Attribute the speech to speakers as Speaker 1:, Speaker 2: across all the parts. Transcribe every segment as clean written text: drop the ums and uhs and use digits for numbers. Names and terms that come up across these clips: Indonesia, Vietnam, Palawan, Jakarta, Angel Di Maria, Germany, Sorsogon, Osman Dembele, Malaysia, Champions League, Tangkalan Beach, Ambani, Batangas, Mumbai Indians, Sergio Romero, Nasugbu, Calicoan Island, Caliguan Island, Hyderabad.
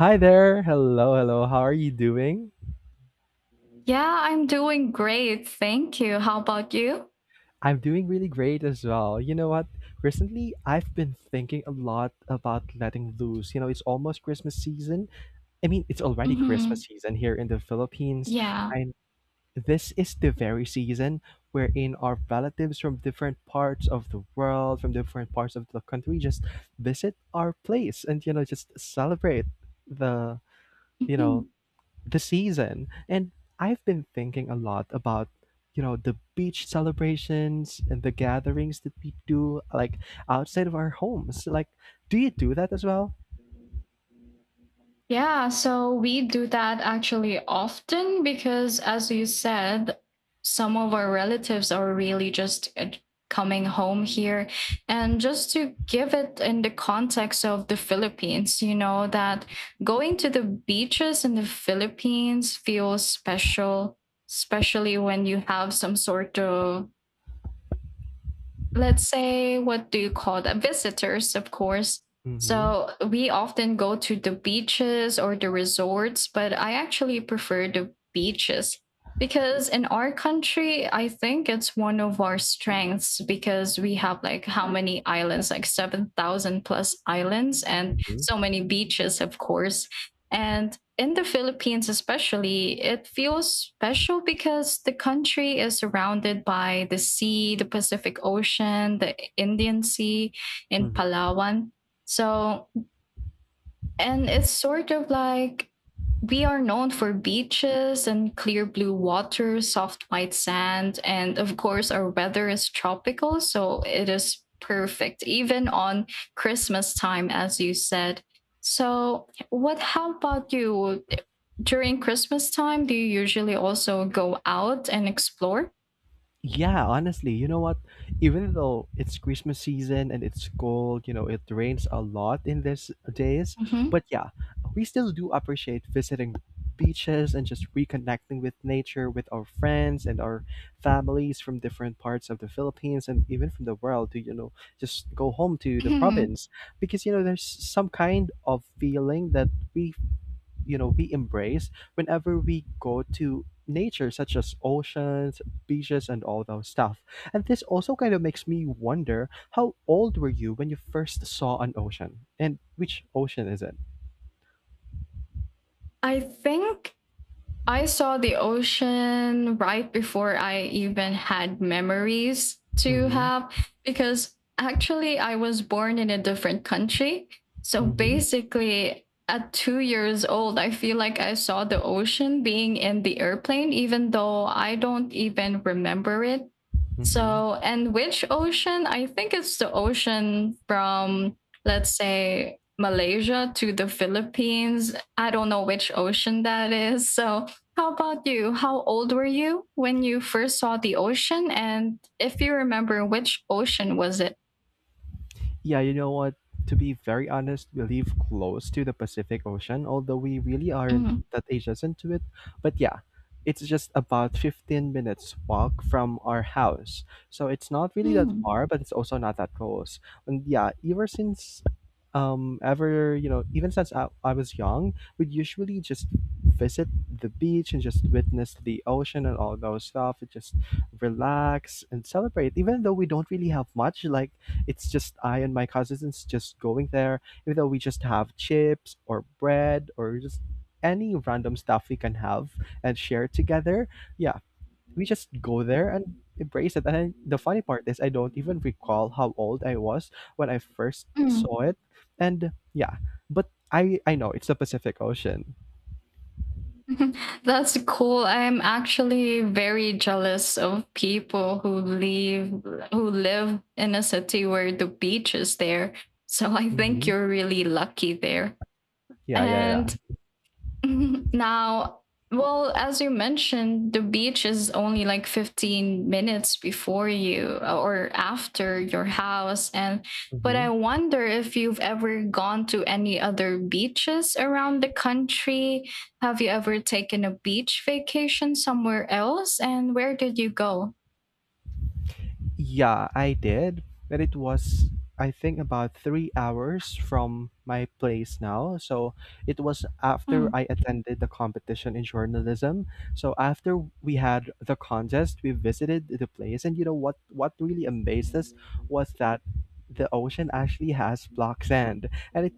Speaker 1: Hi there. Hello, hello. How are you doing?
Speaker 2: Yeah, I'm doing great. Thank you. How about you?
Speaker 1: I'm doing really great as well. You know what? Recently, I've been thinking a lot about letting loose. You know, it's almost Christmas season. I mean, it's already Christmas
Speaker 2: Hmm.
Speaker 1: season here in the Philippines.
Speaker 2: Yeah.
Speaker 1: And this is the very season wherein our relatives from different parts of the world, from different parts of the country, just visit our place and, you know, just celebrate the, you know,
Speaker 2: Mhm.
Speaker 1: the season. And I've been thinking a lot about, you know, the beach celebrations and the gatherings that we do, like outside of our homes. Like, do you do that as well?
Speaker 2: Yeah, so we do that actually often because, as you said, some of our relatives are really just coming home here. And just to give it in the context of the Philippines, you know, that going to the beaches in the Philippines feels special, especially when you have some sort of, let's say, what do you call that, visitors of course.
Speaker 1: Mm-hmm.
Speaker 2: So we often go to the beaches or the resorts, but I actually prefer the beaches because in our country I think it's one of our strengths, because we have like how many islands, like 7000 plus islands and
Speaker 1: Mm-hmm.
Speaker 2: so many beaches of course. And in the Philippines, especially, it feels special because the country is surrounded by the sea, the Pacific Ocean, the Indian Sea in Palawan. So, and it's sort of like we are known for beaches and clear blue water, soft white sand, and of course, our weather is tropical, so it is perfect, even on Christmas time, as you said. So, what, how about you? During Christmas time, do you usually also go out and explore?
Speaker 1: Yeah, honestly, you know what? Even though it's Christmas season and it's cold, you know, it rains a lot in these days,
Speaker 2: Mhm.
Speaker 1: but yeah, we still do appreciate visiting beaches and just reconnecting with nature with our friends and our families from different parts of the Philippines and even from the world to, you know, just go home to the
Speaker 2: Mhm.
Speaker 1: province, because you know there's some kind of feeling that we, you know, we embrace whenever we go to nature such as oceans, beaches, and all those stuff. And this also kind of makes me wonder, how old were you when you first saw an ocean, and which ocean is it?
Speaker 2: I think I saw the ocean right before I even had memories to
Speaker 1: Mm-hmm.
Speaker 2: have, because actually I was born in a different country. So
Speaker 1: Mm-hmm.
Speaker 2: basically, at 2 years old, I feel like I saw the ocean being in the airplane, even though I don't even remember it.
Speaker 1: Mm-hmm.
Speaker 2: So, and which ocean? I think it's the ocean from, let's say, Malaysia to the Philippines. I don't know which ocean that is. So, how about you? How old were you when you first saw the ocean? And if you remember, which ocean was it?
Speaker 1: Yeah, you know what? To be very honest, we live close to the Pacific Ocean, although we really
Speaker 2: Mm,
Speaker 1: aren't that adjacent to it. But yeah, it's just about 15 minutes walk from our house. So it's not really that
Speaker 2: mm,
Speaker 1: far, but it's also not that close. And yeah, ever since you know, even since I was young, we'd usually just visit the beach and just witness the ocean and all those stuff and just relax and celebrate even though we don't really have much. Like, it's just I and my cousins just going there, even though we just have chips or bread or just any random stuff we can have and share together. Yeah, we just go there and embrace it. And I, the funny part is, I don't even recall how old I was when I first
Speaker 2: mm.
Speaker 1: saw it. And yeah, but I know it's the Pacific Ocean.
Speaker 2: That's cool. I'm actually very jealous of people who live, who live in a city where the beach is there. So I think
Speaker 1: Hmm.
Speaker 2: you're really lucky there.
Speaker 1: Yeah, yeah, yeah.
Speaker 2: And now, well, as you mentioned, the beach is only like 15 minutes before you, or after your house. And but
Speaker 1: Hmm.
Speaker 2: I wonder if you've ever gone to any other beaches around the country. Have you ever taken a beach vacation somewhere else? And where did you go?
Speaker 1: Yeah, I did, but it was, I think, about 3 hours from my place now. So it was after
Speaker 2: Hmm.
Speaker 1: I attended the competition in journalism. So after we had the contest, we visited the place, and you know what? What really amazed us was that the ocean actually has black sand, and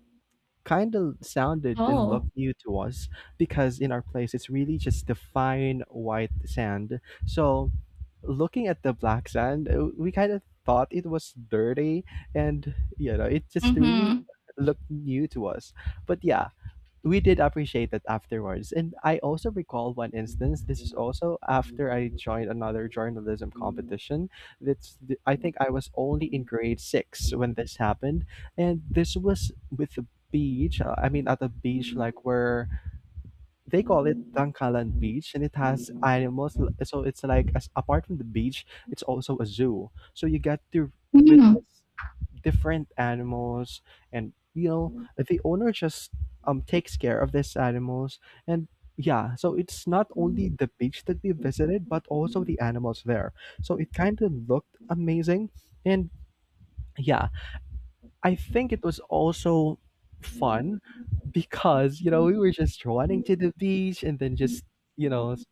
Speaker 1: kind of sounded and
Speaker 2: Oh.
Speaker 1: looked new to us because in our place it's really just the fine white sand. So looking at the black sand, we kind of thought it was dirty, and you know, it just
Speaker 2: Mm-hmm.
Speaker 1: really looked new to us. But yeah, we did appreciate it afterwards. And I also recall one instance. This is also after I joined another journalism competition. That's the, I think I was only in grade six when this happened, and this was with the beach. I mean, at the beach, like where they call it Tangkalan Beach, and it has animals. So it's like, as apart from the beach, it's also a zoo. So you get to witness different animals, and you know the owner just takes care of these animals, and yeah, so it's not only the beach that we visited, but also the animals there. So it kind of looked amazing, and yeah, I think it was also fun because, you know, we
Speaker 2: Mm.
Speaker 1: were just running to the beach and then just, you know, s-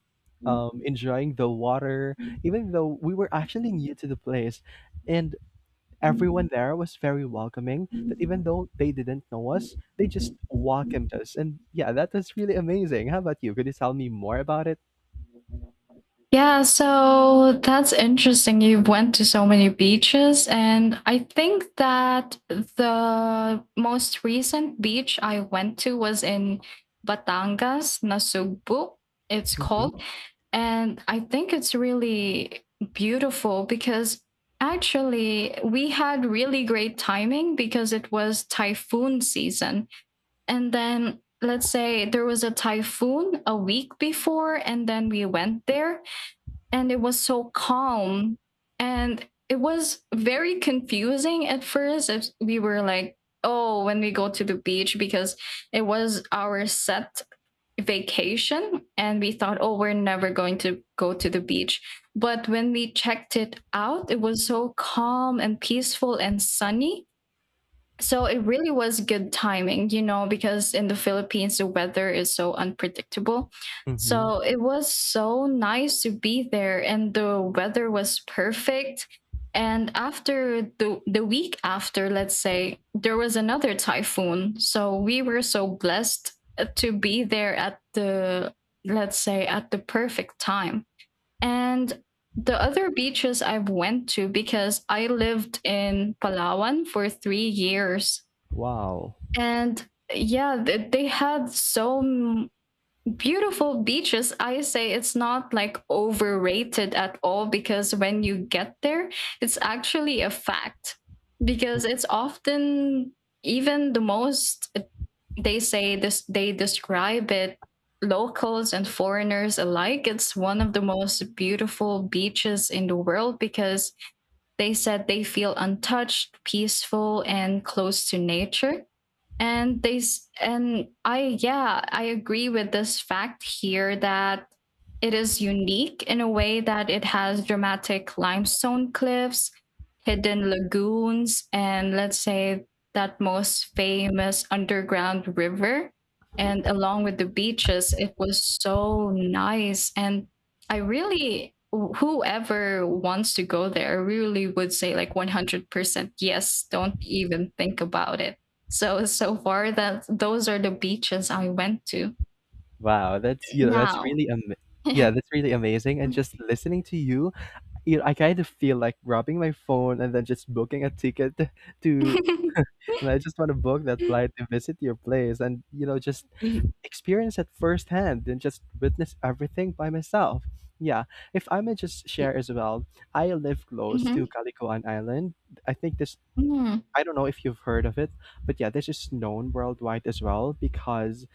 Speaker 1: enjoying the water, even though we were actually new to the place. And everyone there was very welcoming, that even though they didn't know us, they just welcomed us. And yeah, that was really amazing. How about you? Could you tell me more about it?
Speaker 2: Yeah, so that's interesting. You went to so many beaches, and I think that the most recent beach I went to was in Batangas, Nasugbu, it's
Speaker 1: Hmm.
Speaker 2: called. And I think it's really beautiful because actually we had really great timing, because it was typhoon season. And then, let's say, there was a typhoon a week before, and then we went there and it was so calm, and it was very confusing at first if we were like, oh, when we go to the beach, because it was our set vacation and we thought, oh, we're never going to go to the beach. But when we checked it out it was so calm and peaceful and sunny, so it really was good timing, you know, because in the Philippines, the weather is so unpredictable.
Speaker 1: Hmm.
Speaker 2: So it was so nice to be there, and the weather was perfect. And after the week after, let's say, there was another typhoon. So we were so blessed to be there at the, let's say, at the perfect time. And the other beaches I've went to, because I lived in Palawan for 3 years,
Speaker 1: Wow.
Speaker 2: and yeah, they had so beautiful beaches. I say it's not like overrated at all, because when you get there it's actually a fact, because it's often, even the most, they say this, they describe it, locals and foreigners alike, it's one of the most beautiful beaches in the world, because they said they feel untouched, peaceful, and close to nature. And they s- and I yeah, I agree with this fact here, that it is unique in a way that it has dramatic limestone cliffs, hidden lagoons, and, let's say, that most famous underground river. And along with the beaches it was so nice, and I really whoever wants to go there really would say like 100% yes, don't even think about it. So so far, that those are the beaches I went to.
Speaker 1: Wow, that's, you know, that's
Speaker 2: Now
Speaker 1: really am Yeah, that's really amazing. And just listening to you, you know, I kind of feel like grabbing my phone and then just booking a ticket to, and I just want to book that
Speaker 2: Mhm.
Speaker 1: flight to visit your place and, you know, just experience it firsthand and just witness everything by myself. Yeah. If I may just share as well, I live close to
Speaker 2: Mm.
Speaker 1: Calicoan Island. I think this,
Speaker 2: Mm.
Speaker 1: I don't know if you've heard of it, but yeah, this is known worldwide as well because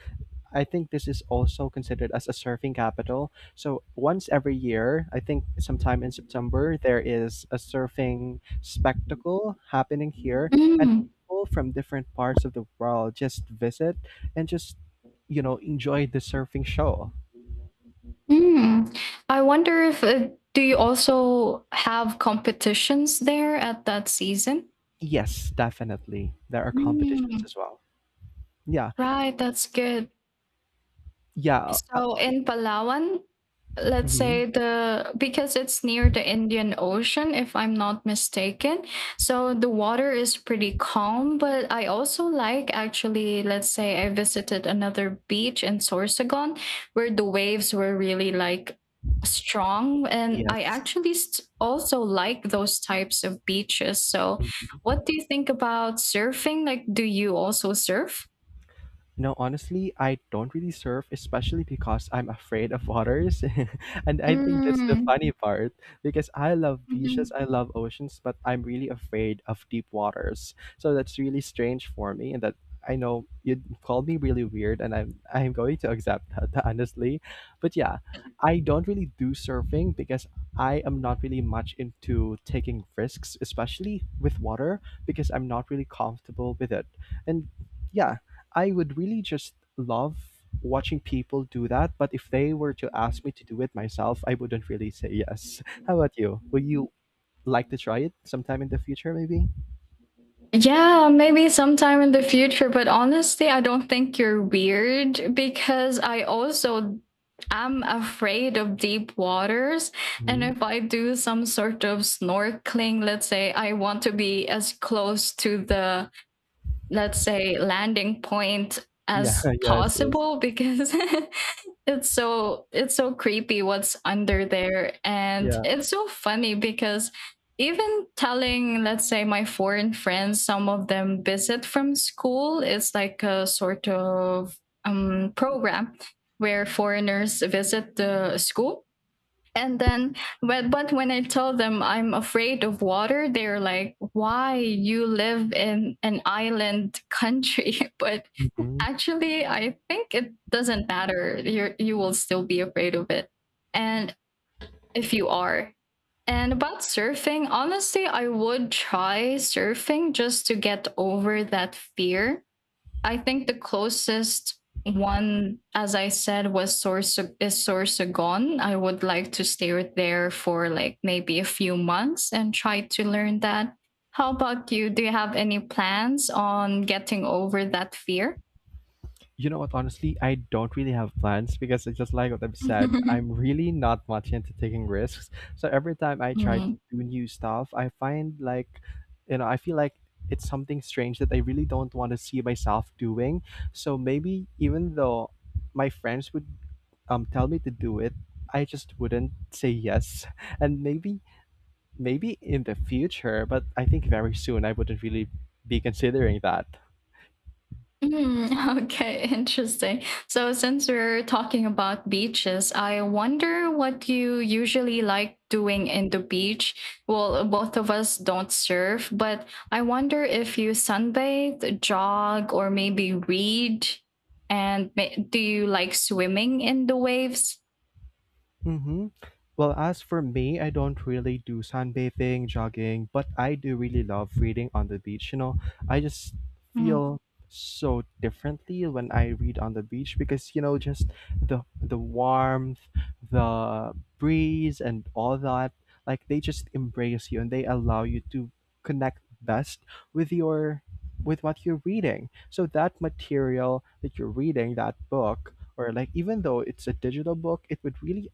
Speaker 1: I think this is also considered as a surfing capital. So once every year, I think sometime in September, there is a surfing spectacle happening here, and
Speaker 2: Mm.
Speaker 1: people from different parts of the world just visit and just, you know, enjoy the surfing show.
Speaker 2: Mm. I wonder if, do you also have competitions there at that season?
Speaker 1: Yes, definitely, there are competitions
Speaker 2: Mm.
Speaker 1: as well. Yeah,
Speaker 2: Right, that's good.
Speaker 1: yeah. Uh,
Speaker 2: So in Palawan, let's
Speaker 1: mhm.
Speaker 2: say the, because it's near the Indian Ocean, if I'm not mistaken. So the water is pretty calm, but I also like, actually, let's say I visited another beach in Sorsogon where the waves were really like strong, and I
Speaker 1: Yes.
Speaker 2: actually also like those types of beaches. So
Speaker 1: Mhm.
Speaker 2: what do you think about surfing? Like, do you also surf?
Speaker 1: No, honestly, I don't really surf, especially because I'm afraid of waters. And I think that's the
Speaker 2: Mm.
Speaker 1: funny part because I love beaches,
Speaker 2: Mhm.
Speaker 1: I love oceans, but I'm really afraid of deep waters. So that's really strange for me. And that, I know you'd call me really weird, and I'm going to accept that, honestly. But yeah, I don't really do surfing because I am not really much into taking risks, especially with water, because I'm not really comfortable with it. And yeah, I would really just love watching people do that, but if they were to ask me to do it myself, I wouldn't really say yes. How about you? Would you like to try it sometime in the future, maybe?
Speaker 2: Yeah, maybe sometime in the future, but honestly, I don't think you're weird, because I also am afraid of deep waters. And
Speaker 1: Hmm.
Speaker 2: if I do some sort of snorkeling, let's say I want to be as close to the, let's say, landing point
Speaker 1: Yeah,
Speaker 2: as
Speaker 1: yes, yes.
Speaker 2: possible, because it's so, it's so creepy what's under there. And
Speaker 1: Yeah.
Speaker 2: it's so funny because even telling, let's say, my foreign friends, some of them visit from school, it's like a sort of program where foreigners visit the school, and then, but when I tell them I'm afraid of water, they're like, why, you live in an island country. But
Speaker 1: Mhm.
Speaker 2: actually, I think it doesn't matter. You will still be afraid of it. And if you are. And about surfing, honestly, I would try surfing just to get over that fear. I think the closest one, as I said, was Sorsa- is Sorsogon. I would like to stay with there for like maybe a few months and try to learn that. How about you? Do you have any plans on getting over that fear?
Speaker 1: You know what? Honestly, I don't really have plans because it's just like what I've said. I'm really not much into taking risks. So every time I try to
Speaker 2: Mm.
Speaker 1: do new stuff, I find like, you know, I feel like it's something strange that I really don't want to see myself doing. So maybe, even though my friends would tell me to do it, I just wouldn't say yes. And maybe, maybe in the future, but I think very soon I wouldn't really be considering that.
Speaker 2: Mm, okay, interesting. So since we're talking about beaches, I wonder what you usually like doing in the beach. Well, both of us don't surf, but I wonder if you sunbathe, jog, or maybe read. And do you like swimming in the waves?
Speaker 1: Mm-hmm. Well, as for me, I don't really do sunbathing, jogging, but I do really love reading on the beach. You know, I just feel so differently when I read on the beach because you know just the warmth, the breeze and all that, like they just embrace you and they allow you to connect best with your, with what you're reading. So that material that you're reading, that book, or like even though it's a digital book, it would really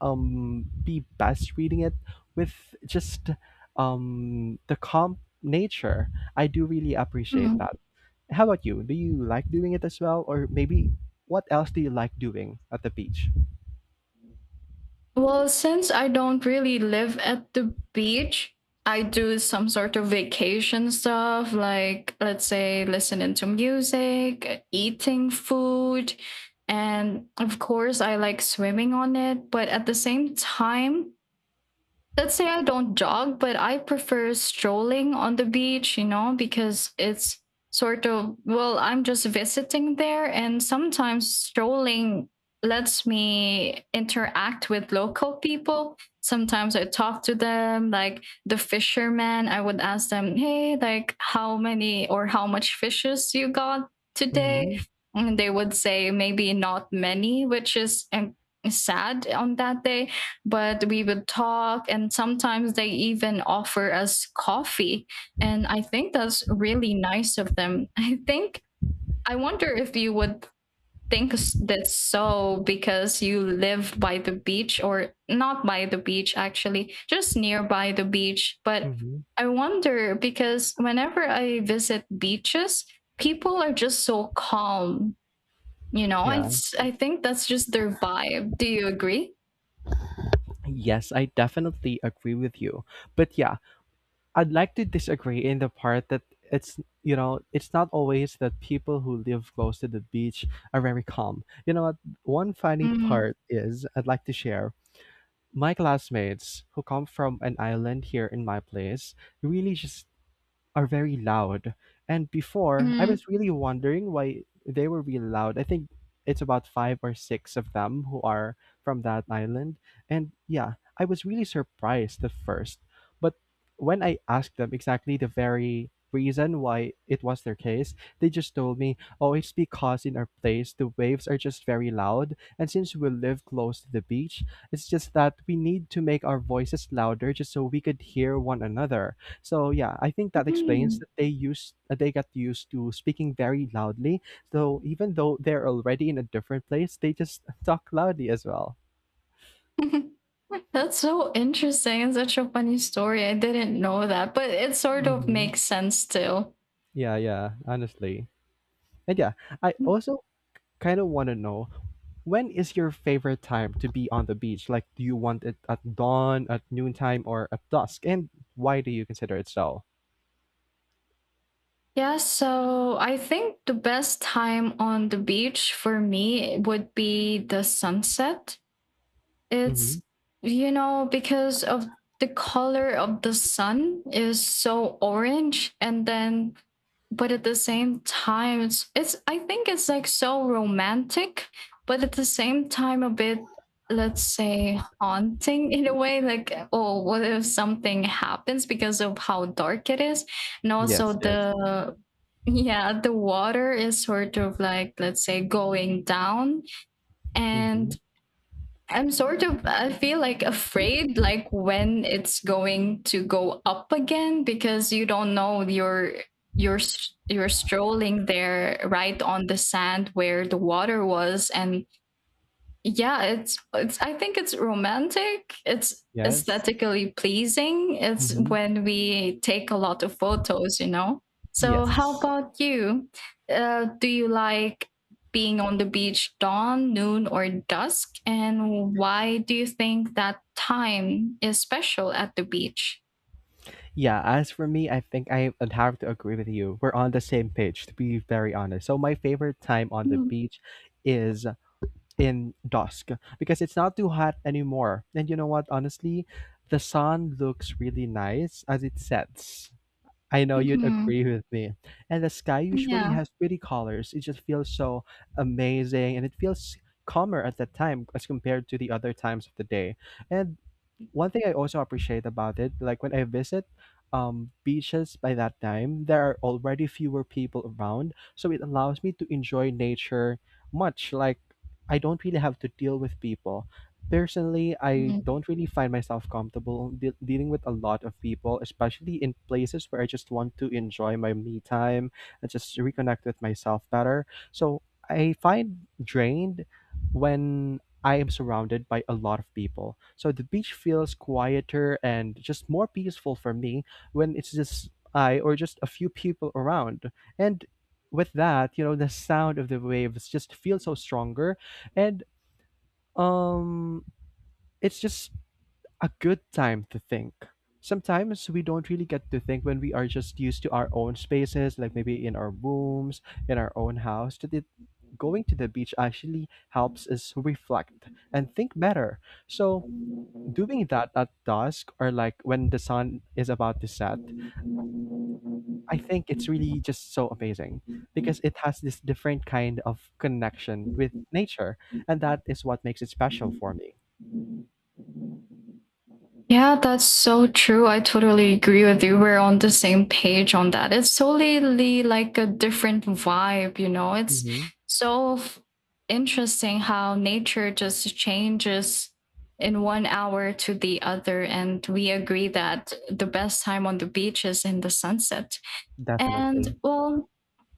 Speaker 1: be best reading it with just the calm nature. I do really appreciate
Speaker 2: Mm.
Speaker 1: that. How about you? Do you like doing it as well, or maybe what else do you like doing at the beach?
Speaker 2: Well, since I don't really live at the beach, I do some sort of vacation stuff, like, let's say, listening to music, eating food, and of course, I like swimming on it. But at the same time, let's say I don't jog, but I prefer strolling on the beach, you know, because it's sort of, well, I'm just visiting there. And sometimes strolling lets me interact with local people. Sometimes I talk to them, like the fishermen. I would ask them, hey, like, how many or how much fishes you got today?
Speaker 1: Mm-hmm.
Speaker 2: And they would say, maybe not many, which is sad on that day. But we would talk, and sometimes they even offer us coffee, and I think that's really nice of them. I think, I wonder if you would think that's so because you live by the beach, or not by the beach, actually, just nearby the beach. But
Speaker 1: Mm-hmm.
Speaker 2: I wonder, because whenever I visit beaches, people are just so calm. You know,
Speaker 1: Yeah.
Speaker 2: it's, I think that's just their vibe. Do you agree?
Speaker 1: Yes, I definitely agree with you. But yeah, I'd like to disagree in the part that it's, you know, it's not always that people who live close to the beach are very calm. You know what? One funny
Speaker 2: Mm.
Speaker 1: part is I'd like to share. My classmates, who come from an island here in my place, really just are very loud. And before, I
Speaker 2: Mm.
Speaker 1: was really wondering why they were really loud. I think it's about five or six of them who are from that island. And yeah, I was really surprised at first. But when I asked them exactly the very reason why it was their case, they just told me, oh, it's because in our place the waves are just very loud. And since we live close to the beach, it's just that we need to make our voices louder just so we could hear one another. So yeah, I think that explains
Speaker 2: Mm.
Speaker 1: that they got used to speaking very loudly. So even though they're already in a different place, they just talk loudly as well.
Speaker 2: That's so interesting and such a funny story. I didn't know that, but it sort of
Speaker 1: Hmm.
Speaker 2: makes sense too.
Speaker 1: Yeah, yeah, honestly. And yeah, I also kind of want to know, when is your favorite time to be on the beach? Like, do you want it at dawn, at noontime, or at dusk? And why do you consider it so?
Speaker 2: Yeah, so I think the best time on the beach for me would be the sunset.
Speaker 1: Mm-hmm.
Speaker 2: It's, you know, because of the color of the sun is so orange. And then, but at the same time, it's I think it's like so romantic, but at the same time a bit, let's say, haunting in a way, like, oh, what if something happens because of how dark it is. And also
Speaker 1: Yes, yes.
Speaker 2: the, yeah, the water is sort of like, let's say, going down.
Speaker 1: Mm-hmm.
Speaker 2: And I'm sort of, I feel like afraid like when it's going to go up again, because you don't know, you're strolling there right on the sand where the water was. And yeah, it's I think it's romantic, it's
Speaker 1: Yes.
Speaker 2: aesthetically pleasing, it's
Speaker 1: Mm-hmm.
Speaker 2: when we take a lot of photos, you know. So how
Speaker 1: Yes.
Speaker 2: about you? Do you like being on the beach, dawn, noon, or dusk? And why do you think that time is special at the beach?
Speaker 1: Yeah, as for me, I think I would have to agree with you. We're on the same page, to be very honest. So my favorite time on the beach is in dusk because it's not too hot anymore. And you know what? Honestly, the sun looks really nice as it sets. I know you'd
Speaker 2: Mm-hmm.
Speaker 1: agree with me. And the sky usually
Speaker 2: Yeah.
Speaker 1: has pretty colors. It just feels so amazing, and it feels calmer at that time as compared to the other times of the day. And one thing I also appreciate about it, like when I visit beaches by that time, there are already fewer people around. So it allows me to enjoy nature much. Like I don't really have to deal with people. Personally, I don't really find myself comfortable dealing with a lot of people, especially in places where I just want to enjoy my me time and just reconnect with myself better. So I find drained when I am surrounded by a lot of people. So the beach feels quieter and just more peaceful for me when it's just I or just a few people around. And with that, you know, the sound of the waves just feels so stronger and um it's just a good time to think. Sometimes we don't really get to think when we are just used to our own spaces, like maybe in our rooms, in our own house. That it, going to the beach actually helps us reflect and think better. So doing that at dusk or like when the sun is about to set, I think it's really just so amazing because it has this different kind of connection with nature, and that is what makes it special for me.
Speaker 2: Yeah, that's so true. I totally agree with you. We're on the same page on that. It's totally like a different vibe, you know. It's
Speaker 1: Mhm,
Speaker 2: so interesting how nature just changes in one hour to the other. And we agree that the best time on the beach is in the sunset.
Speaker 1: definitely.
Speaker 2: And well,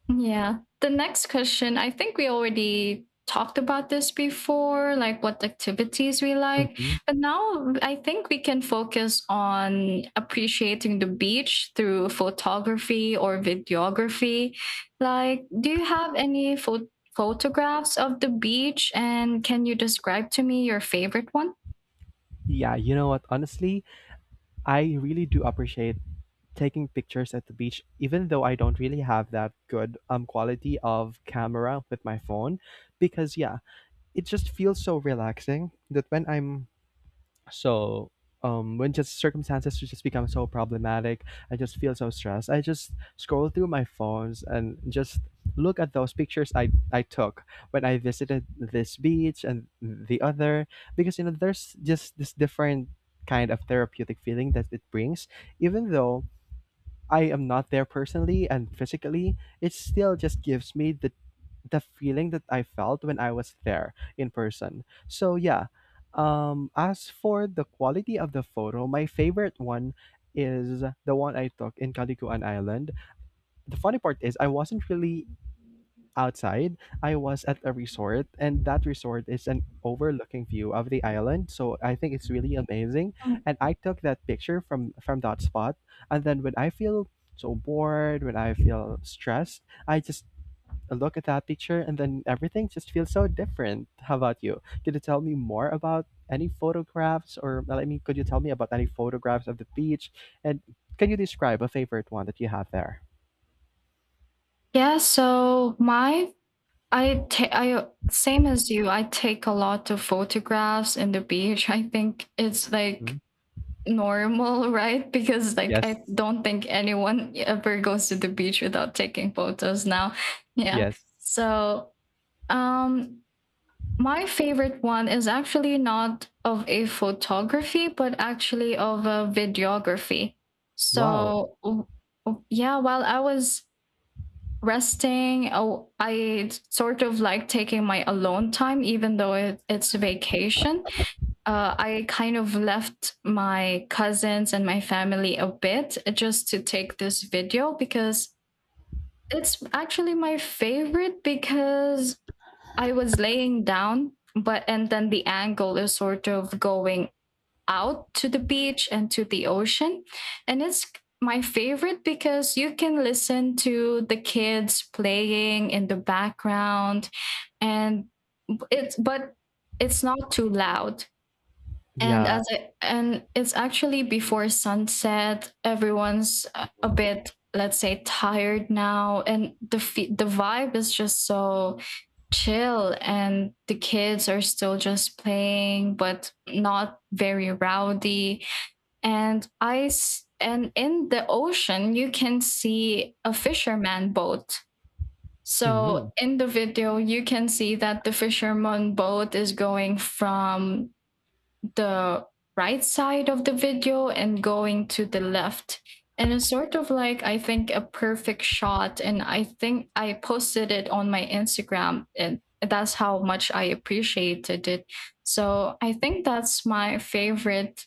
Speaker 2: yeah. The next question, I think we already talked about this before, like what activities we like.
Speaker 1: Mhm.
Speaker 2: But now I think we can focus on appreciating the beach through photography or videography. Like, do you have any photographs of the beach? And can you describe to me your favorite one?
Speaker 1: Yeah, you know what? Honestly, I really do appreciate taking pictures at the beach, even though I don't really have that good quality of camera with my phone, because yeah, it just feels so relaxing that when I'm So when just circumstances just become so problematic, I just feel so stressed. I just scroll through my phones and just look at those pictures I took when I visited this beach and the other because you know there's just this different kind of therapeutic feeling that it brings. Even though I am not there personally and physically, it still just gives me the feeling that I felt when I was there in person. So yeah, as for the quality of the photo, my favorite one is the one I took in Caliguan Island. The funny part is I wasn't really outside. I was at a resort and that resort is an overlooking view of the island. So I think it's really amazing.
Speaker 2: Mm.
Speaker 1: And I took that picture from that spot. And then when I feel so bored, when I feel stressed, I just look at that picture and then everything just feels so different. How about you? Could you tell me more about any photographs or well, I mean, could you tell me about any photographs of the beach? And can you describe a favorite one that you have there?
Speaker 2: Yeah, so my I ta I same as you, I take a lot of photographs in the beach. I think it's like
Speaker 1: Mhm.
Speaker 2: normal, right? Because like I
Speaker 1: Yes.
Speaker 2: don't think anyone ever goes to the beach without taking photos now. Yeah.
Speaker 1: Yes.
Speaker 2: So, um my favorite one is actually not of a photography, but actually of a videography.
Speaker 1: Wow.
Speaker 2: So, while I was resting, oh, I sort of like taking my alone time, even though it's vacation. I kind of left my cousins and my family a bit just to take this video because it's actually my favorite because I was laying down, but and then the angle is sort of going out to the beach and to the ocean. And it's my favorite because you can listen to the kids playing in the background and it's but it's not too loud and
Speaker 1: Yeah.
Speaker 2: and it's actually before sunset. Everyone's a bit, let's say, tired now, and the vibe is just so chill. And the kids are still just playing, but not very rowdy. And and in the ocean, you can see a fisherman boat.
Speaker 1: Mm-hmm.
Speaker 2: So in the video, you can see that the fisherman boat is going from the right side of the video and going to the left. And it's sort of like, I think, a perfect shot. And I think I posted it on my Instagram, and that's how much I appreciated it. So I think that's my favorite,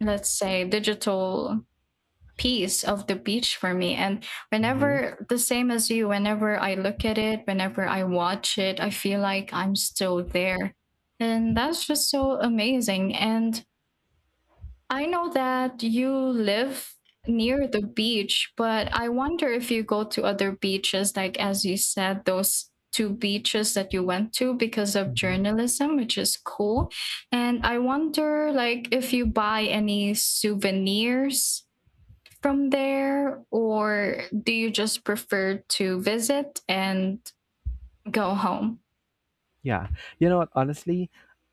Speaker 2: let's say, digital piece of the beach for me. And
Speaker 1: Mm-hmm.
Speaker 2: whenever, the same as you, whenever I look at it, whenever I watch it, I feel like I'm still there. And that's just so amazing. And I know that you live near the beach, but I wonder if you go to other beaches, like as you said, those two beaches that you went to because of journalism, which is cool. And I wonder like if you buy any souvenirs from there or do you just prefer to visit and go home?
Speaker 1: Yeah. You know what? Honestly,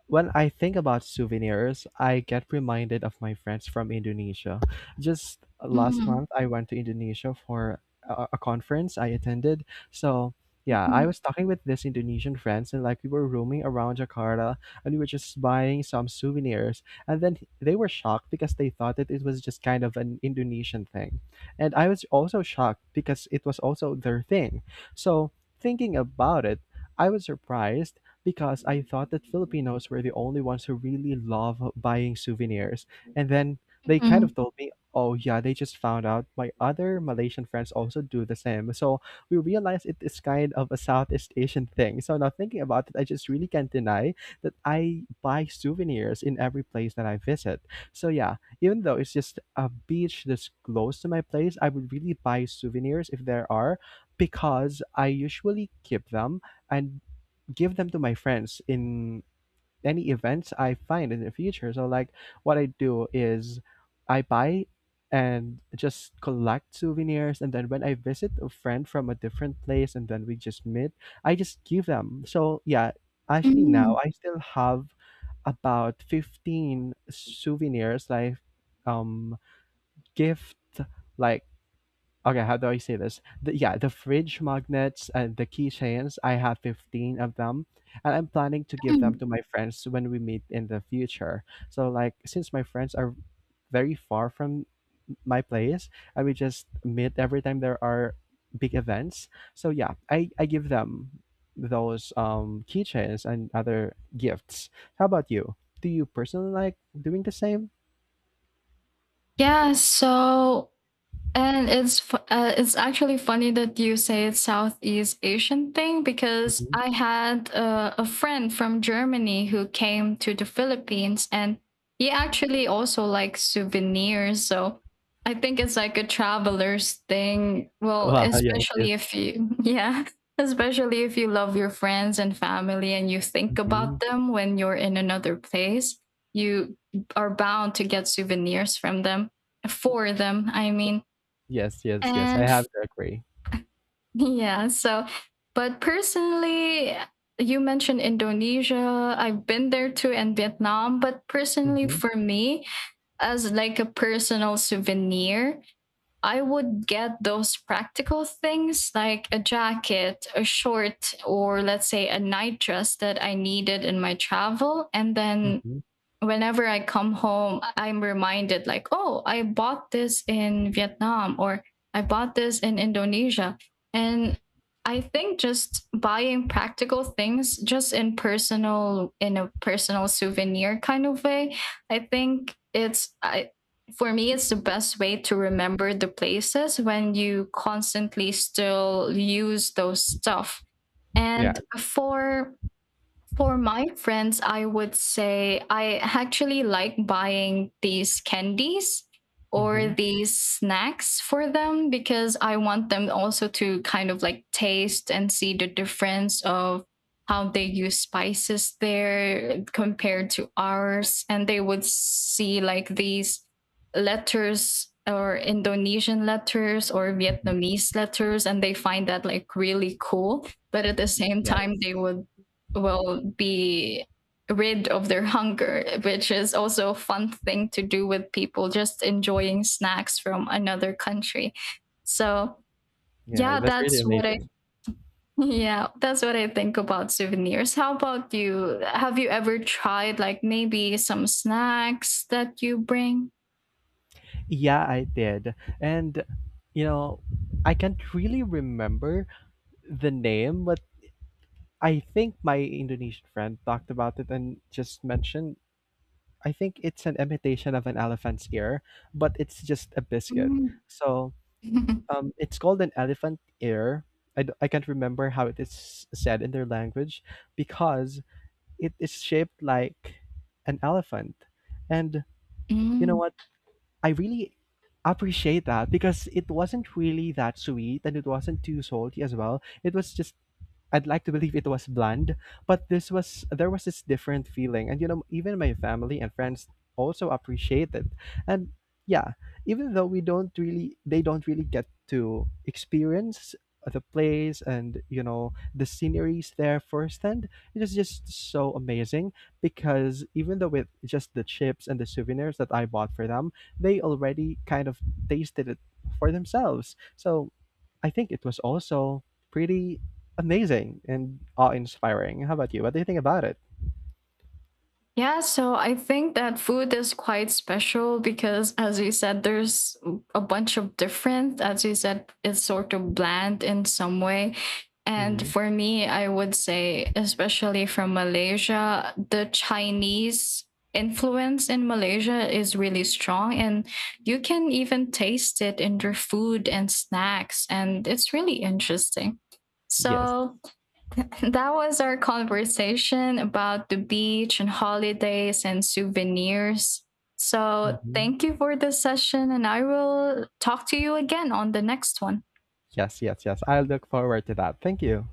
Speaker 1: when I think about souvenirs, I get reminded of my friends from Indonesia. Just last
Speaker 2: Mm,
Speaker 1: month, I went to Indonesia for a conference I attended. So, yeah, I
Speaker 2: mhm.
Speaker 1: was talking with this Indonesian friends and like we were roaming around Jakarta and we were just buying some souvenirs. And then they were shocked because they thought that it was just kind of an Indonesian thing. And I was also shocked because it was also their thing. So, thinking about it, I was surprised because I thought that Filipinos were the only ones who really love buying souvenirs. And then they kind
Speaker 2: Mhm.
Speaker 1: of told me, oh, yeah, they just found out my other Malaysian friends also do the same. So we realized it is kind of a Southeast Asian thing. So now thinking about it, I just really can't deny that I buy souvenirs in every place that I visit. So yeah, even though it's just a beach that's close to my place, I would really buy souvenirs if there are because I usually keep them and give them to my friends in any events I find in the future. So like what I do is I buy and just collect souvenirs and then when I visit a friend from a different place and then we just meet, I just give them. So yeah, actually now
Speaker 2: Mm,
Speaker 1: I still have about 15 souvenirs like um gift like okay, how do I say this? The, yeah, the fridge magnets and the keychains. I have 15 of them, and I'm planning to give them
Speaker 2: mm.
Speaker 1: to my friends when we meet in the future. So, like, since my friends are very far from my place and we just meet every time there are big events, so yeah, I give them those keychains and other gifts. How about you? Do you personally like doing the same?
Speaker 2: Yeah, so and it's actually funny that you say it's Southeast Asian thing because
Speaker 1: Mhm.
Speaker 2: I had a friend from Germany who came to the Philippines and he actually also likes souvenirs. So I think it's like a traveler's thing. Well,
Speaker 1: Wow, yes,
Speaker 2: especially
Speaker 1: yes.
Speaker 2: if you, yeah, especially if you love your friends and family and you think about
Speaker 1: Hmm,
Speaker 2: them when you're in another place, you are bound to get souvenirs from them, for them, I mean.
Speaker 1: yes, yes, yes, I
Speaker 2: And
Speaker 1: have to agree.
Speaker 2: yeah, so, but personally, you mentioned Indonesia. I've been there too and Vietnam. But personally,
Speaker 1: Hmm.
Speaker 2: for me, as like a personal souvenir, I would get those practical things like a jacket, a short, or let's say a night dress that I needed in my travel, and then
Speaker 1: Hmm.
Speaker 2: whenever I come home, I'm reminded, like, oh, I bought this in Vietnam or I bought this in Indonesia. And I think just buying practical things just in a personal souvenir kind of way, I think it's I for me it's the best way to remember the places when you constantly still use those stuff.
Speaker 1: Yeah.
Speaker 2: And for my friends, I would say I actually like buying these candies or
Speaker 1: Hmm.
Speaker 2: these snacks for them because I want them also to kind of like taste and see the difference of how they use spices there compared to ours. And they would see like these letters or Indonesian letters or
Speaker 1: Hmm.
Speaker 2: Vietnamese letters, and they find that like really cool. But at the same time,
Speaker 1: Yes.
Speaker 2: they would will be rid of their hunger, which is also a fun thing to do with people just enjoying snacks from another country. So,
Speaker 1: Yeah,
Speaker 2: yeah,
Speaker 1: that's really
Speaker 2: that's what I
Speaker 1: amazing.
Speaker 2: yeah, that's what I think about souvenirs. How about you? Have you ever tried like maybe some snacks that you bring?
Speaker 1: Yeah, I did. And, you know, I can't really remember the name, but I think my Indonesian friend talked about it and just mentioned I think it's an imitation of an elephant's ear, but it's just a biscuit.
Speaker 2: Mm.
Speaker 1: So it's called an elephant ear. I can't remember how it is said in their language because it is shaped like an elephant. And you know
Speaker 2: Mm.
Speaker 1: what? I really appreciate that because it wasn't really that sweet and it wasn't too salty as well. It was just I'd like to believe it was bland, but this was there was this different feeling, and you know, even my family and friends also appreciate it. And yeah, even though we don't really, they don't really get to experience the place and you know the sceneries there firsthand. It is just so amazing because even though with just the chips and the souvenirs that I bought for them, they already kind of tasted it for themselves. So I think it was also pretty amazing and awe-inspiring. How about you? What do you think about it?
Speaker 2: Yeah, so I think that food is quite special because, as you said, there's a bunch of different. As you said, it's sort of bland in some way. And
Speaker 1: Hmm.
Speaker 2: for me, I would say, especially from Malaysia, the Chinese influence in Malaysia is really strong. And you can even taste it in their food and snacks. And it's really interesting.
Speaker 1: Yes.
Speaker 2: So, that was our conversation about the beach and holidays and souvenirs. So,
Speaker 1: Hmm.
Speaker 2: thank you for this session, and I will talk to you again on the next one.
Speaker 1: Yes, yes, yes. I look forward to that. Thank you.